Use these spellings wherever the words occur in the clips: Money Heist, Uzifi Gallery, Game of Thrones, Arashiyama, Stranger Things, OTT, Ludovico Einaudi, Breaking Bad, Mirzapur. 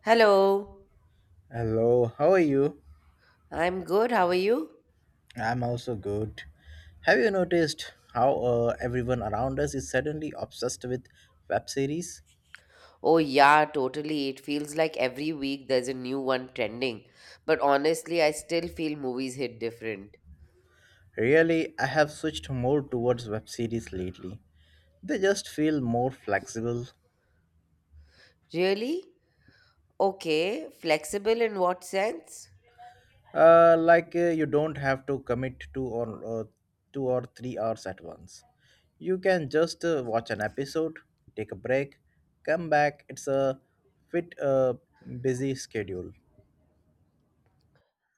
Hello, Hello, how are you? I'm good. How are you? I'm also good. Have you noticed how everyone around us is suddenly obsessed with web series? Oh, yeah, totally. It feels like every week there's a new one trending. But honestly, I still feel movies hit different. Really, I have switched more towards web series lately. They just feel more flexible. Really? Okay, flexible in what sense? Like you don't have to commit to or 2 or 3 hours at once. You can just watch an episode, take a break, come back. It's a fit busy schedule.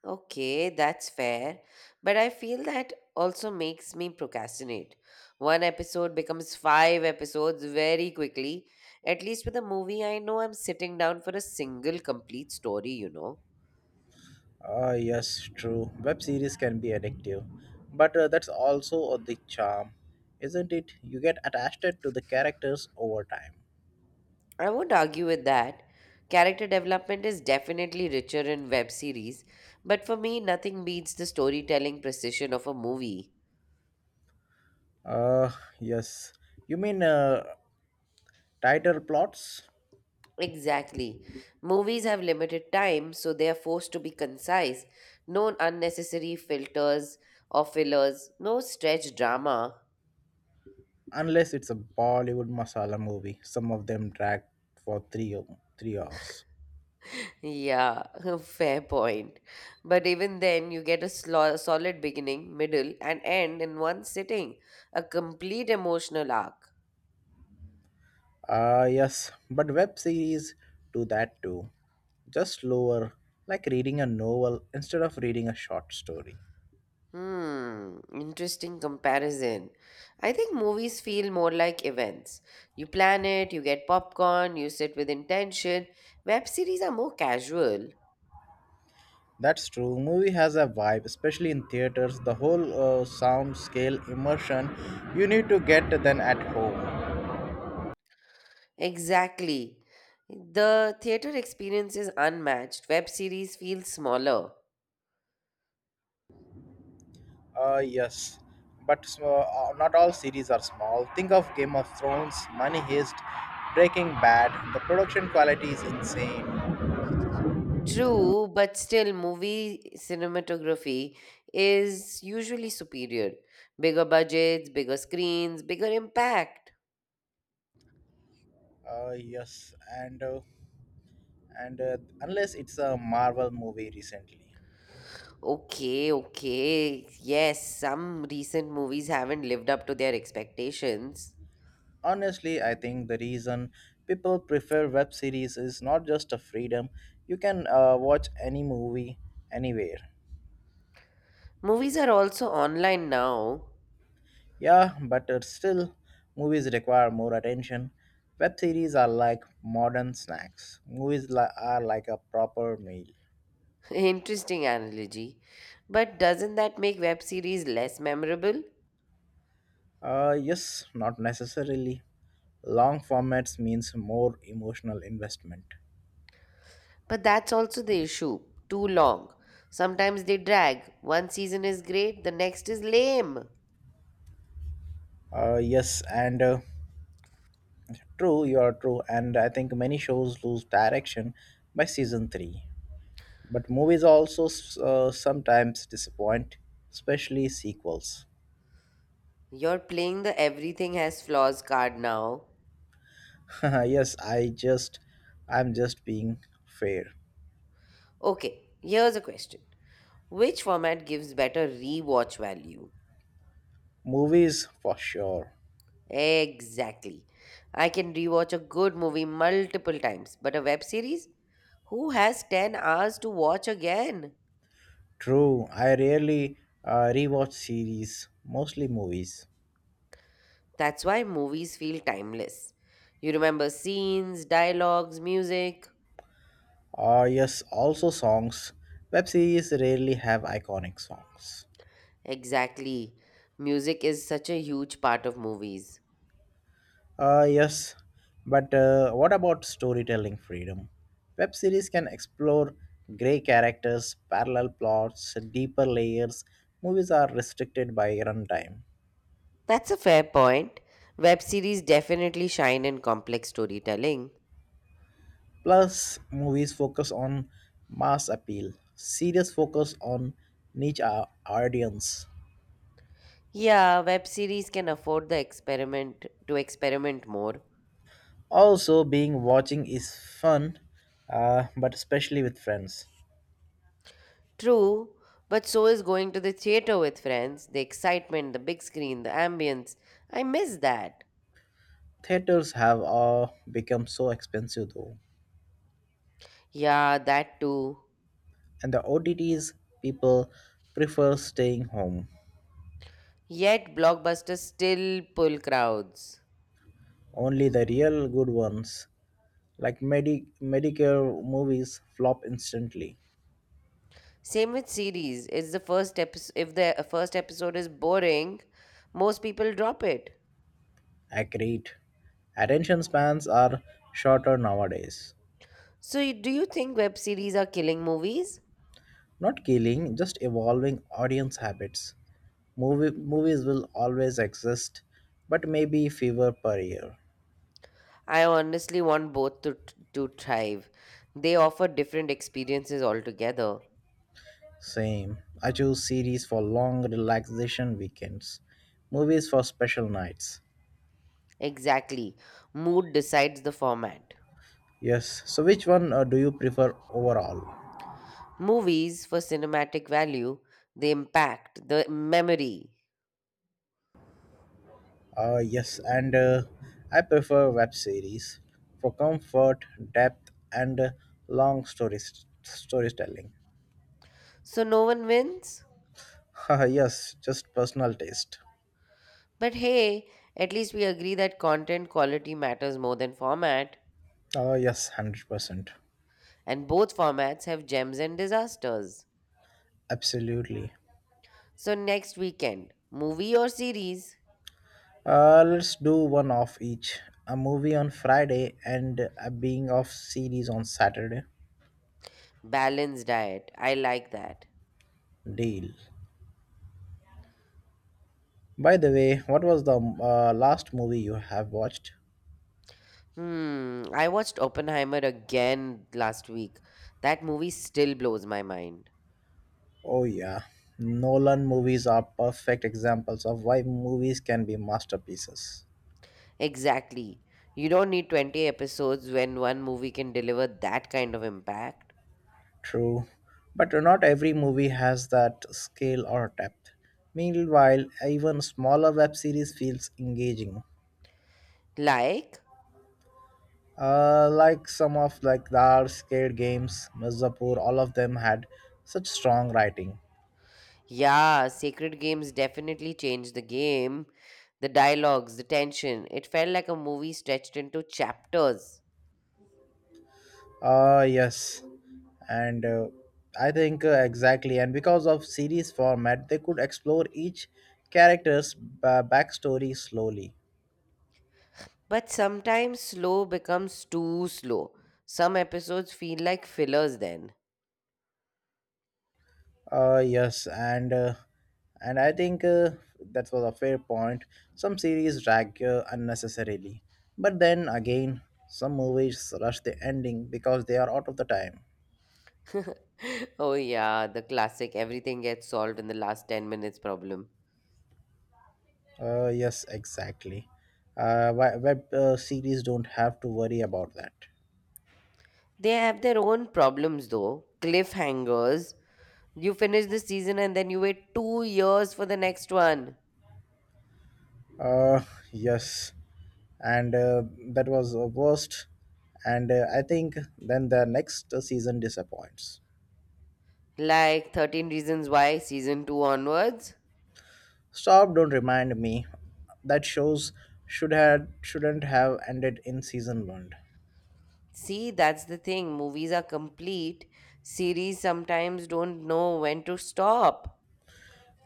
Okay, that's fair. But I feel that also makes me procrastinate. One episode becomes five episodes very quickly. At least with a movie, I know I'm sitting down for a single complete story, you know. Ah, yes, true. Web series can be addictive, but that's also the charm, isn't it? You get attached to the characters over time. I would argue with that. Character development is definitely richer in web series, but for me, nothing beats the storytelling precision of a movie. Uh, yes. You mean tighter plots? Exactly. Movies have limited time, so they are forced to be concise. No unnecessary filters or fillers, no stretch drama. Unless it's a Bollywood masala movie, some of them drag for 3 hours. Yeah, fair point. But even then, you get a solid beginning, middle, and end in one sitting. A complete emotional arc. Ah, yes, but web series do that too. Just slower, like reading a novel instead of reading a short story. Hmm, interesting comparison. I think movies feel more like events. You plan it, you get popcorn, you sit with intention. Web series are more casual. That's true. Movie has a vibe, especially in theaters. The whole sound, scale, immersion you need to get than at home. Exactly. The theater experience is unmatched. Web series feel smaller. Uh, yes, but not all series are small. Think of Game of Thrones, Money Heist, Breaking Bad. The production quality is insane. True, but still, movie cinematography is usually superior. Bigger budgets, bigger screens, bigger impact. Uh, yes, and uh, and unless it's a Marvel movie recently. Okay, okay. Yes, some recent movies haven't lived up to their expectations. Honestly, I think the reason people prefer web series is not just a freedom. You can watch any movie anywhere. Movies are also online now. Yeah, but still, movies require more attention. Web series are like modern snacks. Movies are like a proper meal. Interesting analogy. But doesn't that make web series less memorable? Yes, not necessarily. Long formats means more emotional investment. But that's also the issue. Too long. Sometimes they drag. One season is great, the next is lame. Yes, and true, you are true. And I think many shows lose direction by season 3. But movies also sometimes disappoint, especially sequels. You're playing the everything has flaws card now. yes, I'm just being fair. Okay, here's a question. Which format gives better rewatch value? Movies for sure. Exactly. I can rewatch a good movie multiple times, but a web series? Who has 10 hours to watch again? True, I rarely rewatch series, mostly movies. That's why movies feel timeless. You remember scenes, dialogues, music. Yes, also songs. Web series rarely have iconic songs. Exactly. Music is such a huge part of movies. Uh, yes, but what about storytelling freedom? Web series can explore grey characters, parallel plots, deeper layers. Movies are restricted by runtime. That's a fair point. Web series definitely shine in complex storytelling. Plus, movies focus on mass appeal, series focus on audience. Yeah, web series can afford the experiment to experiment more. Also, being watching is fun, but especially with friends. True, but so is going to the theater with friends. The excitement, the big screen, the ambience. I miss that. Theaters have become so expensive though. Yeah, that too. And the OTTs people prefer staying home. Yet blockbusters still pull crowds. Only the real good ones, like Medicare movies, flop instantly. Same with series. It's the first episode. If the first episode is boring, most people drop it. Agreed. Attention spans are shorter nowadays. So, do you think web series are killing movies? Not killing, just evolving audience habits. Movies will always exist, but maybe fewer per year. I honestly want both to thrive. They offer different experiences altogether. Same. I choose series for long relaxation weekends, movies for special nights. Exactly. Mood decides the format. Yes. So, which one do you prefer overall? Movies for cinematic value, the impact, the memory. Yes, and I prefer web series for comfort, depth, and long story storytelling. So no one wins? Haha, yes, just personal taste. But hey, at least we agree that content quality matters more than format, Yes, 100%. and both formats have gems and disasters. Absolutely. So next weekend, movie or series? Let's do one of each. A movie on Friday and a being of series on Saturday. Balanced diet. I like that. Deal. By the way, what was the last movie you have watched? Hmm, I watched Oppenheimer again last week. That movie still blows my mind. Oh, yeah. Nolan movies are perfect examples of why movies can be masterpieces. Exactly. You don't need 20 episodes when one movie can deliver that kind of impact. True, but not every movie has that scale or depth. Meanwhile, even smaller web series feels engaging. Like, Like some of the scared games, Mirzapur, all of them had such strong writing. yeah, Sacred Games definitely changed the game. The dialogues, the tension, it felt like a movie stretched into chapters. Ah, yes. And I think exactly. And because of series format, they could explore each backstory slowly. But sometimes slow becomes too slow. Some episodes feel like fillers then. Ah, yes. And I think That was a fair point. Some series drag unnecessarily. But then again, some movies rush the ending because they are out of the time. Oh, yeah, the classic everything gets solved in the last 10 minutes problem. Yes, exactly. Web series don't have to worry about that. They have their own problems though. Cliffhangers, you finish the season and then you wait 2 years for the next one. Uh, yes, and That was the worst. And I think then the next season disappoints. Like 13 Reasons Why, season 2 onwards. Stop! Don't remind me. That shows shouldn't have ended in season one. See, that's the thing. Movies are complete. Series sometimes don't know when to stop.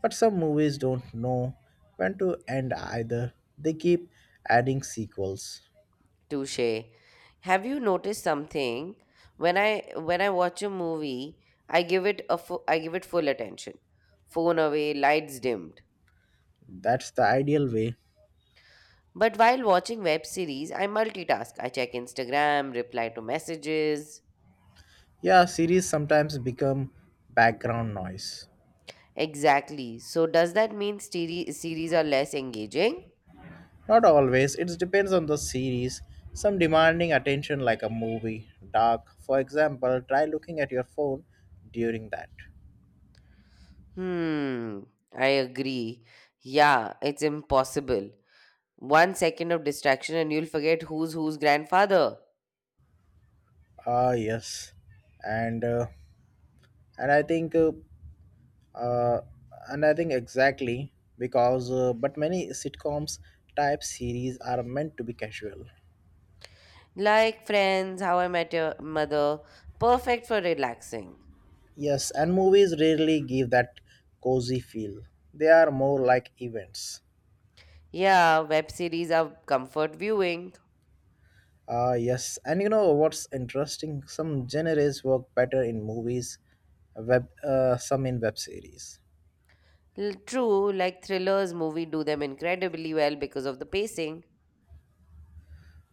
But some movies don't know when to end either. They keep adding sequels. Touche. Have you noticed something? When I watch a movie, I give it full attention. Phone away, lights dimmed. That's the ideal way. But while watching web series, I multitask. I check Instagram, reply to messages. Yeah, series sometimes become background noise. Exactly. So does that mean series are less engaging? Not always, it depends on the series. Some demanding attention, like a movie, dark. For example, try looking at your phone during that. Hmm, I agree. Yeah, it's impossible. 1 second of distraction and you'll forget who's whose grandfather. Ah, yes, and uh, and I think uh, uh, and I think exactly because but many sitcoms type series are meant to be casual. Like Friends, How I Met Your Mother, perfect for relaxing. Yes, and movies rarely give that cozy feel. They are more like events. Yeah, web series are comfort viewing. Ah, yes. And you know what's interesting? Some genres work better in movies, some in web series. True, like thrillers, movie do them incredibly well because of the pacing.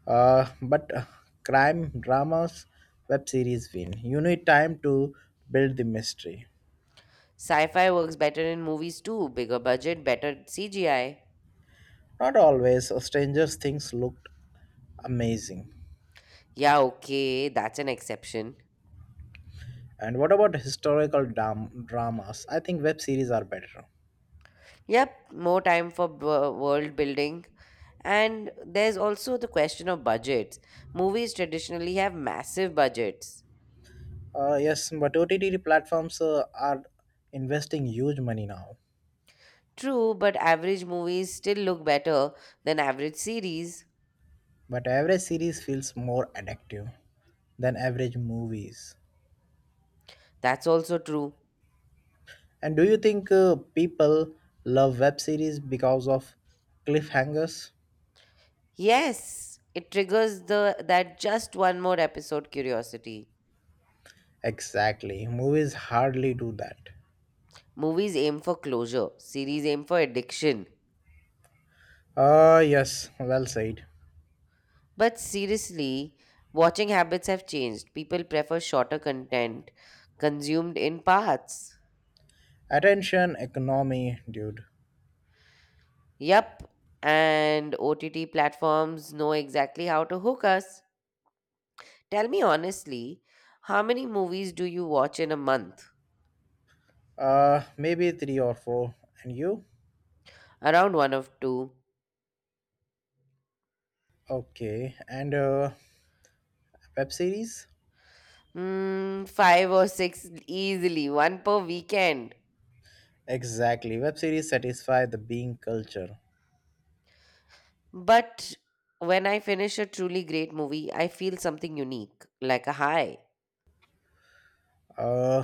But crime dramas, web series win. You need time to build the mystery. Sci-fi works better in movies too, bigger budget, better CGI. Not always. Stranger Things looked amazing. Yeah, okay, that's an exception. And what about dramas? I think web series are better. Yep, more time for world building. And there's also the question of budgets. Movies traditionally have massive budgets. Yes, but OTT platforms are investing huge money now. True, but average movies still look better than average series. But average series feels more addictive than average movies. That's also true. And do you think people love web series because of cliffhangers? Yes, it triggers the that just one more episode curiosity. Exactly, movies hardly do that. Movies aim for closure, series aim for addiction. Ah, yes, well said. But seriously, watching habits have changed. People prefer shorter content consumed in parts. Attention economy, dude. Yup, and OTT platforms know exactly how to hook us. Tell me honestly, how many movies do you watch in a month? Maybe three or four. And you? Around one of two. Okay, and web series? Hmm, five or six easily, one per weekend. Exactly, web series satisfy the being culture. But when I finish a truly great movie, I feel something unique, like a high. Uh,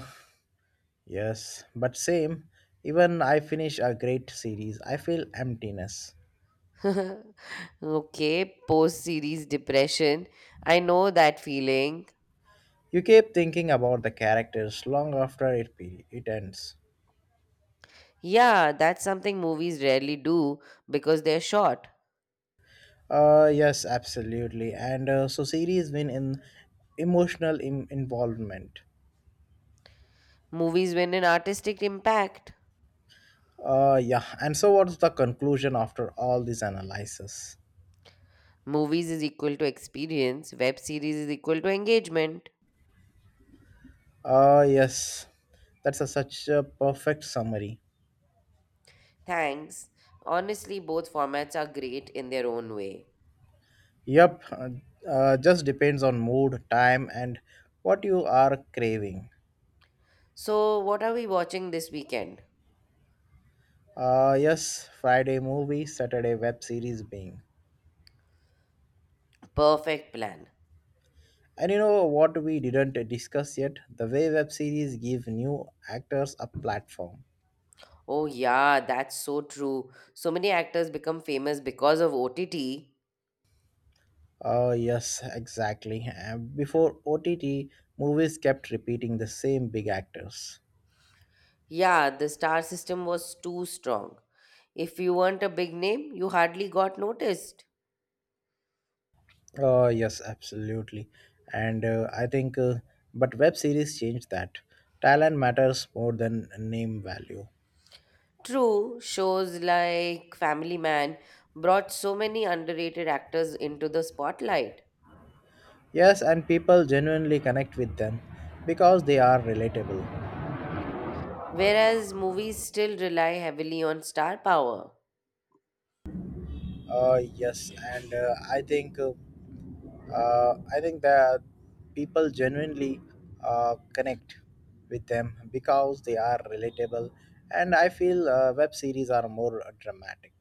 Yes, but same. Even I finish a great series, I feel emptiness. Okay, post series depression. I know that feeling. You keep thinking about the characters long after it ends. Yeah, that's something movies rarely do because they're short. Yes, absolutely. And So series win in emotional involvement. Movies win an artistic impact. Yeah. And so what's the conclusion after all this analysis? Movies is equal to experience, web series is equal to engagement. Yes. Such a perfect summary. Thanks. Honestly, both formats are great in their own way. Yep. Just depends on mood, time and what you are craving. So, what are we watching this weekend? Yes, Friday movie, Saturday web series being. Perfect plan. And you know what we didn't discuss yet? The way web series give new actors a platform. Oh, yeah, that's so true. So many actors become famous because of OTT. Oh, yes, exactly. Before OTT, movies kept repeating the same big actors. Yeah, the star system was too strong. If you weren't a big name, you hardly got noticed. Oh, yes, absolutely. And uh, I think, uh, but web series changed that. Talent matters more than name value. True, shows like Family Man brought so many underrated actors into the spotlight, Yes, and people genuinely connect with them because they are relatable. whereas movies still rely heavily on star power. Yes, and I think that people genuinely connect with them because they are relatable, and I feel web series are more dramatic.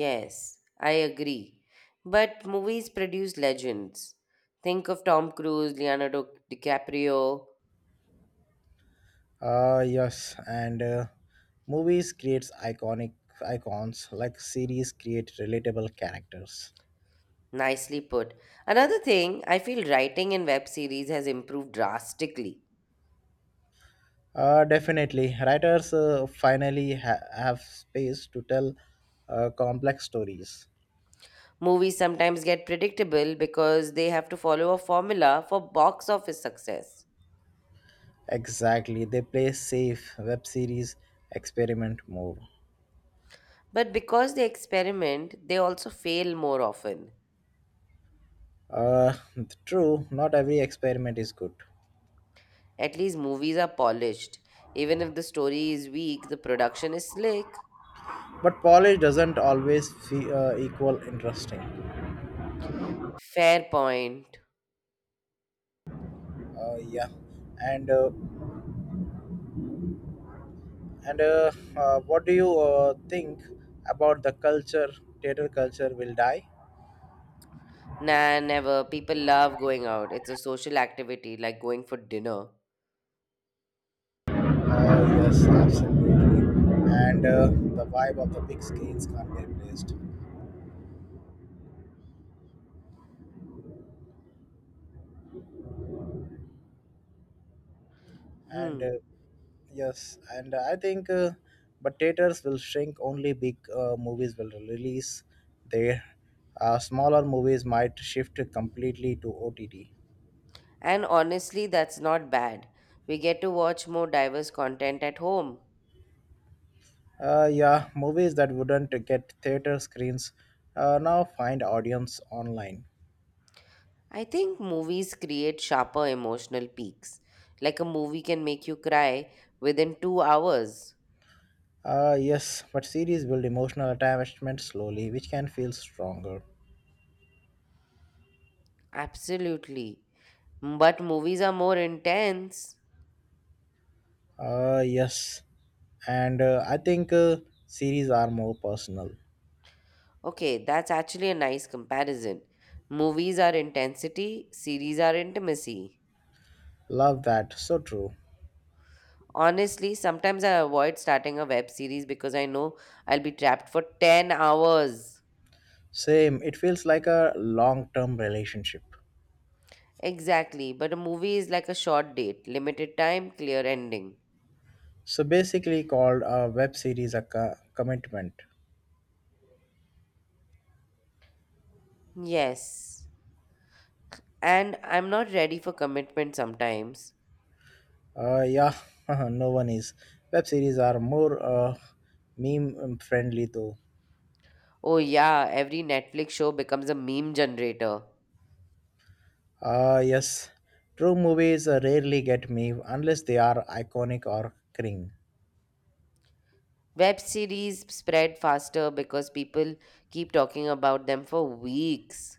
Yes, I agree. But movies produce legends. Think of Tom Cruise, Leonardo DiCaprio. Yes, and movies creates iconic icons like series create relatable characters. Nicely put. Another thing, I feel writing in web series has improved drastically. Definitely, writers uh, finally have space to tell complex stories. Movies sometimes get predictable because they have to follow a formula for box office success. Exactly, they play safe web series experiment mode. But because they experiment, they also fail more often. Uh, true, not every experiment is good, At least movies are polished. Even if the story is weak, the production is slick. but polish doesn't always equal interesting. Fair point. Yeah, and uh, and What do you think about the culture? Theater culture will die. Nah, never. People love going out. It's a social activity like going for dinner. Yes, absolutely, and the vibe of the big screens can't be replaced. And Hmm. Yes and I think But theaters will shrink, only big movies will release there. Smaller movies might shift completely to OTT. And honestly, that's not bad. We get to watch more diverse content at home. Yeah, movies that wouldn't get theater screens now find audience online. I think movies create sharper emotional peaks. Like a movie can make you cry within 2 hours. Yes, but series build emotional attachment slowly which can feel stronger. Absolutely. But movies are more intense. Yes and I think Series are more personal. Okay, that's actually a nice comparison. Movies are intensity, series are intimacy. Love that, so true. Honestly, sometimes I avoid starting a web series because I know I'll be trapped for 10 hours. Same, it feels like a long term relationship. Exactly, but a movie is like a short date, limited time, clear ending. So basically, called a web series a commitment. Yes. And I'm not ready for commitment sometimes. Yeah, no one is. Web series are more meme friendly though. Oh, yeah, every Netflix show becomes a meme generator. Ah, yes. True movies rarely get meme unless they are iconic or cring. Web series spread faster because people keep talking about them for weeks.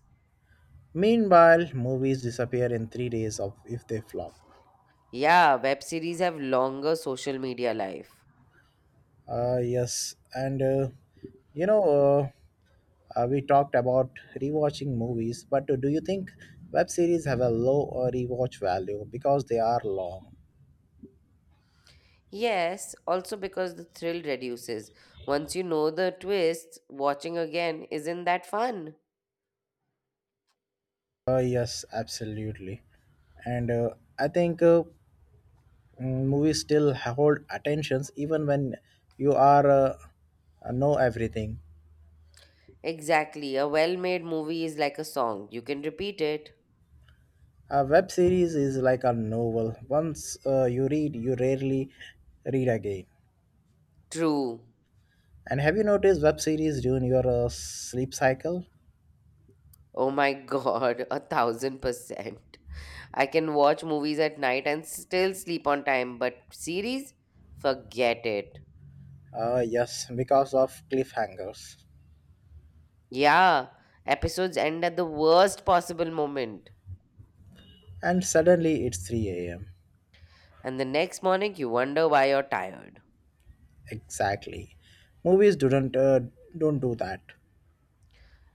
Meanwhile, movies disappear in 3 days of if they flop. Yeah, web series have longer social media life. Ah, yes. And uh, you know, uh, we talked about rewatching movies, but do you think web series have a low rewatch value because they are long? Yes, also because the thrill reduces. Once you know the twist, watching again isn't that fun. Yes, absolutely. And I think mm, movies still hold attentions even when you are know everything. Exactly, a well made movie is like a song, you can repeat it. A web series is like a novel. Once you read, you rarely read again. True. And have you noticed web series during your sleep cycle? Oh my god, a thousand percent. I can watch movies at night and still sleep on time, but series? Forget it. Yes, because of cliffhangers. Yeah, episodes end at the worst possible moment, And suddenly it's 3 a.m. and the next morning you wonder why you're tired. Exactly. Movies don't do that.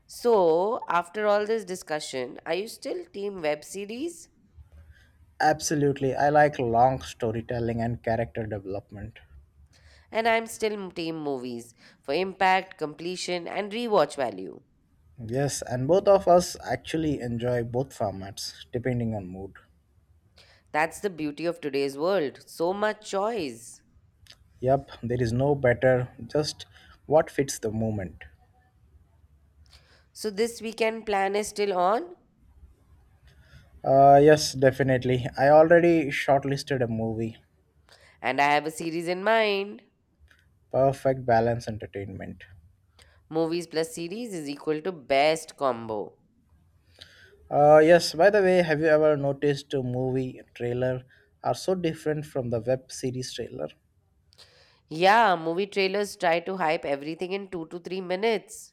So, after all this discussion, are you still team web series? Absolutely. I like long storytelling and character development. And I'm still team movies for impact, completion, and rewatch value. Yes, and both of us actually enjoy both formats depending on mood. That's the beauty of today's world. So much choice. Yep, there is no better, just what fits the moment. So this weekend plan is still on, Yes, definitely. I already shortlisted a movie. and I have a series in mind. Perfect balance entertainment. Movies plus series is equal to best combo. Yes, by the way, have you ever noticed a movie trailer are so different from the web series trailer? Yeah, movie trailers try to hype everything in 2 to 3 minutes.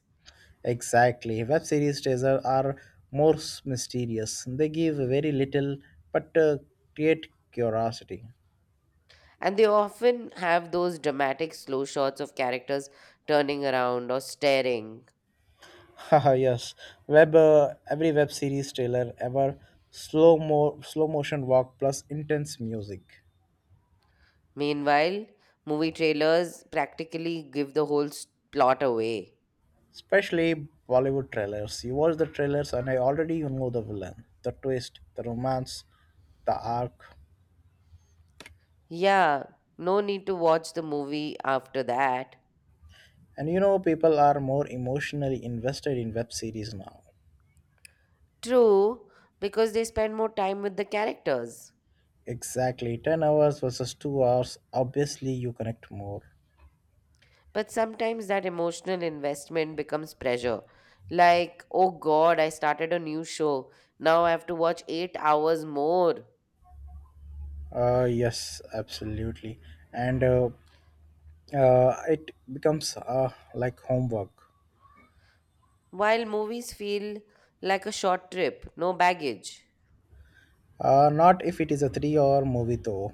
Exactly. Web series trailer are mysterious. They give very little but create curiosity. And they often have those dramatic slow shots of characters turning around or staring. Haha, yes. Web Every web series trailer ever, slow motion walk plus intense music. Meanwhile, movie trailers practically give the whole plot away. Especially Bollywood trailers. You watch the trailers and I already you know the villain, the twist, the romance, the arc. Yeah, no need to watch the movie after that. And you know, people are more emotionally invested in web series now. True, because they spend more time with the characters. Exactly, 10 hours versus 2 hours. Obviously, you connect more. But sometimes that emotional investment becomes pressure. Like, oh god, I started a new show. Now I have to watch 8 hours more. Yes, absolutely. And it becomes like homework. While movies feel like a short trip, no baggage. Not if it is a 3-hour movie, though.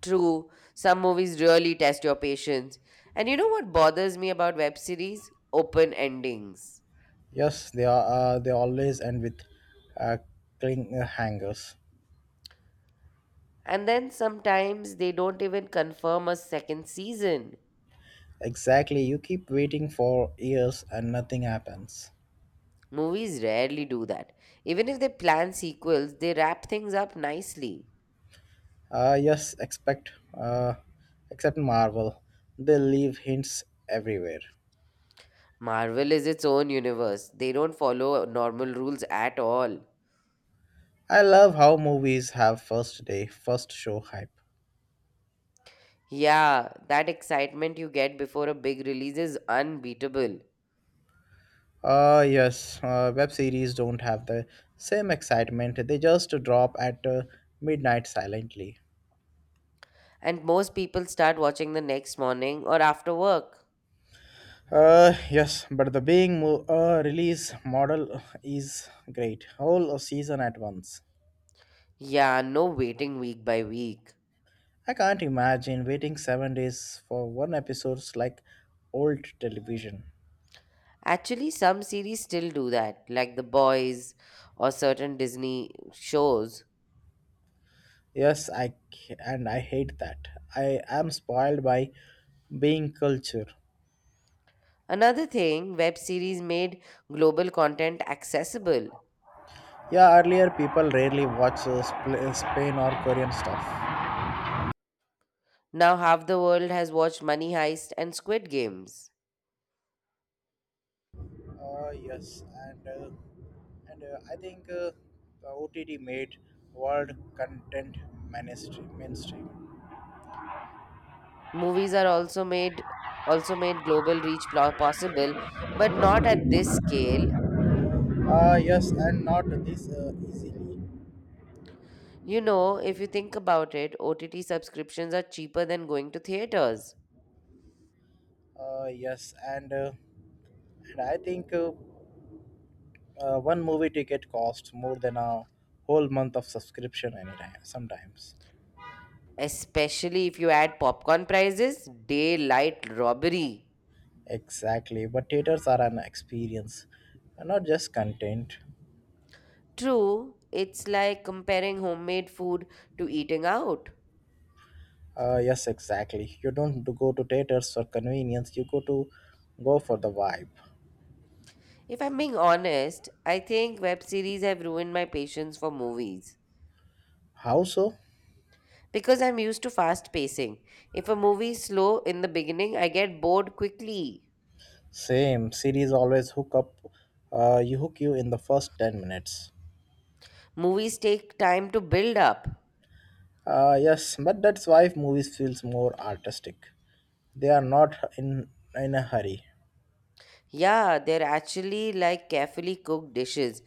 True, some movies really test your patience. And you know what bothers me about web series? Open endings. Yes, they are. They always end with uh, cling hangers. And then sometimes they don't even confirm a second season. Exactly, you keep waiting for years and nothing happens. Movies rarely do that. Even if they plan sequels, they wrap things up nicely. Uh, yes, expect, uh, Except Marvel. They leave hints everywhere. Marvel is its own universe. They don't follow normal rules at all. I love how movies have first day, first show hype. Yeah, that excitement you get before a big release is unbeatable. Yes, web series don't have the same excitement. They just drop at midnight silently. And most people start watching the next morning or after work. Yes, but the being release model is great. Whole season at once. Yeah, no waiting week by week. I can't imagine waiting 7 days for one episode's like old television. Actually, some series still do that, like The Boys or certain Disney shows. Yes, and I hate that. I am spoiled by being culture. Another thing, web series made global content accessible. Yeah, earlier people rarely watch Spain or Korean stuff. Now, half the world has watched Money Heist and Squid Games. Yes, and uh, and I think The OTT made world content mainstream. Movies are also made global reach possible, but not at this scale. Yes, and not this easily. You know, if you think about it, OTT subscriptions are cheaper than going to theaters, Yes, and I think One movie ticket costs more than a whole month of subscription anytime sometimes. especially if you add popcorn prices, daylight robbery. Exactly, but theaters are an experience, and not just content. True, it's like comparing homemade food to eating out. Yes, exactly. You don't go to theaters for convenience. You go to go for the vibe. If I'm being honest, I think web series have ruined my patience for movies. How so? Because I'm used to fast pacing. If a movie is slow in the beginning, I get bored quickly. Same series always hook up. You hook you in the first 10 minutes. Movies take time to build up. Yes, but that's why movies feels more artistic. They are not in in a hurry. Yeah, they're actually like carefully cooked dishes.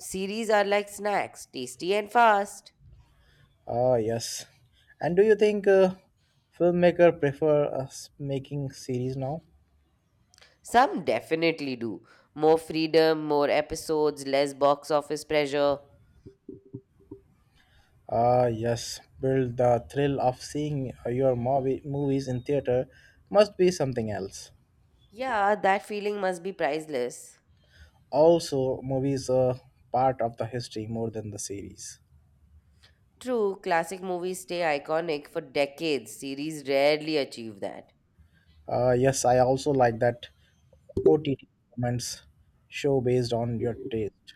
Series are like snacks, tasty and fast. Ah, yes. And do you think filmmaker prefer us making series now? Some definitely do. More freedom, more episodes, less box office pressure. Ah, yes, build the thrill of seeing movies in theater must be something else. Yeah, that feeling must be priceless. Also, movies are part of the history more than the series. True, classic movies stay iconic for decades. Series rarely achieve that. Yes, I also like that OTT comments show based on your taste.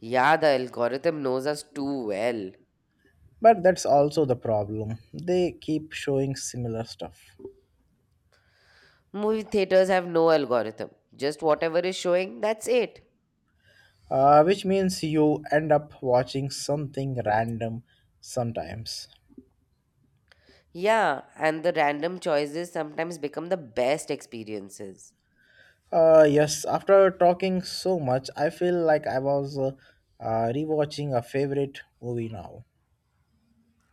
Yeah, the algorithm knows us too well. But that's also the problem. They keep showing similar stuff. Movie theaters have no algorithm, just whatever is showing, that's it. Which means you end up watching something random sometimes. Yeah, and the random choices sometimes become the best experiences. Yes, after talking so much, I feel like I was rewatching a favorite movie now.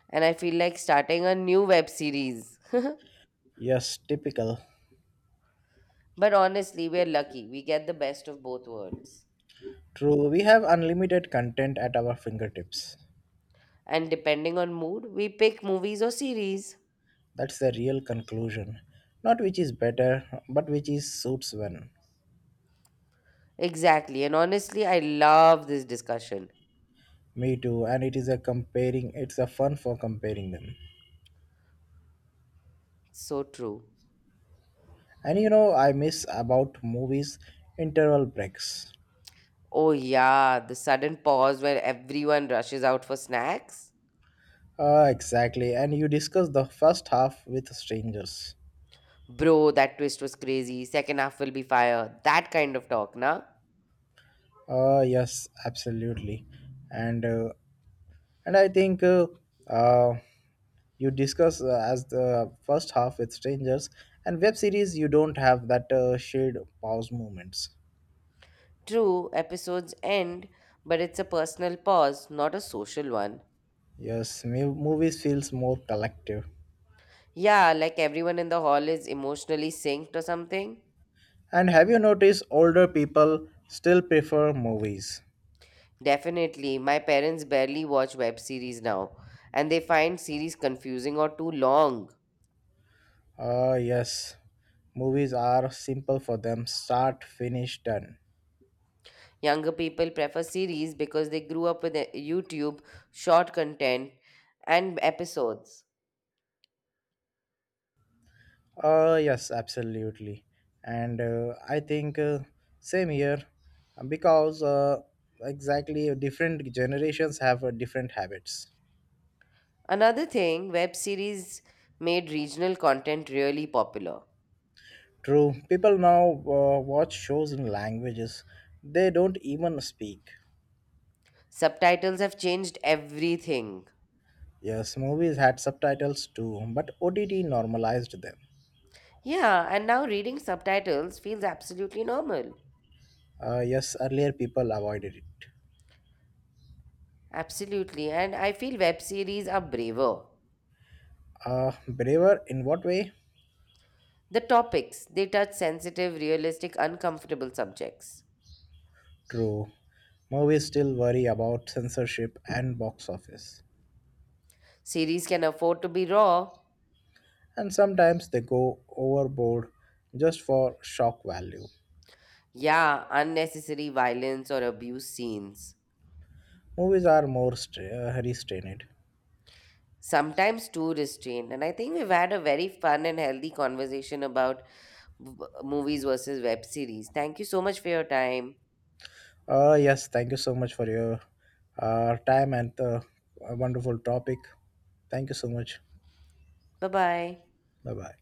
And I feel like starting a new web series. Yes, typical. But honestly, we're lucky. We get the best of both worlds. True, we have unlimited content at our fingertips. And depending on mood, we pick movies or series. That's the real conclusion. Not which is better, but which is suits one. Exactly. And honestly, I love this discussion. Me too, and it is a comparing, it's a fun for comparing them. So true. And you know, I miss about movies interval breaks. Oh, yeah, the sudden pause where everyone rushes out for snacks. Ah, exactly, and you discuss the first half with strangers. Bro, that twist was crazy. Second half will be fire. That kind of talk, nah? Yes, absolutely, and uh, and I think uh, you discuss as the first half with strangers and web series. You don't have that shared pause moments. True, episodes end, but it's a personal pause, not a social one. Yes, movies feels more collective. Yeah, like everyone in the hall is emotionally synced or something. And have you noticed older people still prefer movies? Definitely, my parents barely watch web series now, and they find series confusing or too long. Yes, movies are simple for them. Start, finish, done. Younger people prefer series because they grew up with YouTube, short content, and episodes. Yes, absolutely. And I think same here because Exactly different generations have different habits. Another thing, web series made regional content really popular. True, people now watch shows in languages they don't even speak. Subtitles have changed everything. Yes, movies had subtitles too, but OTT normalized them. Yeah, and now reading subtitles feels absolutely normal. Yes, earlier people avoided it. Absolutely, and I feel web series are braver. Braver in what way? The topics, they touch sensitive, realistic, uncomfortable subjects. True. Movies still worry about censorship and box office. Series can afford to be raw. And sometimes they go overboard just for shock value. Yeah, unnecessary violence or abuse scenes. Movies are more restrained. Sometimes too restrained. And I think we've had a very fun and healthy conversation about movies versus web series. Thank you so much for your time. Yes, thank you so much for your time and the wonderful topic. Thank you so much. Bye bye. Bye bye.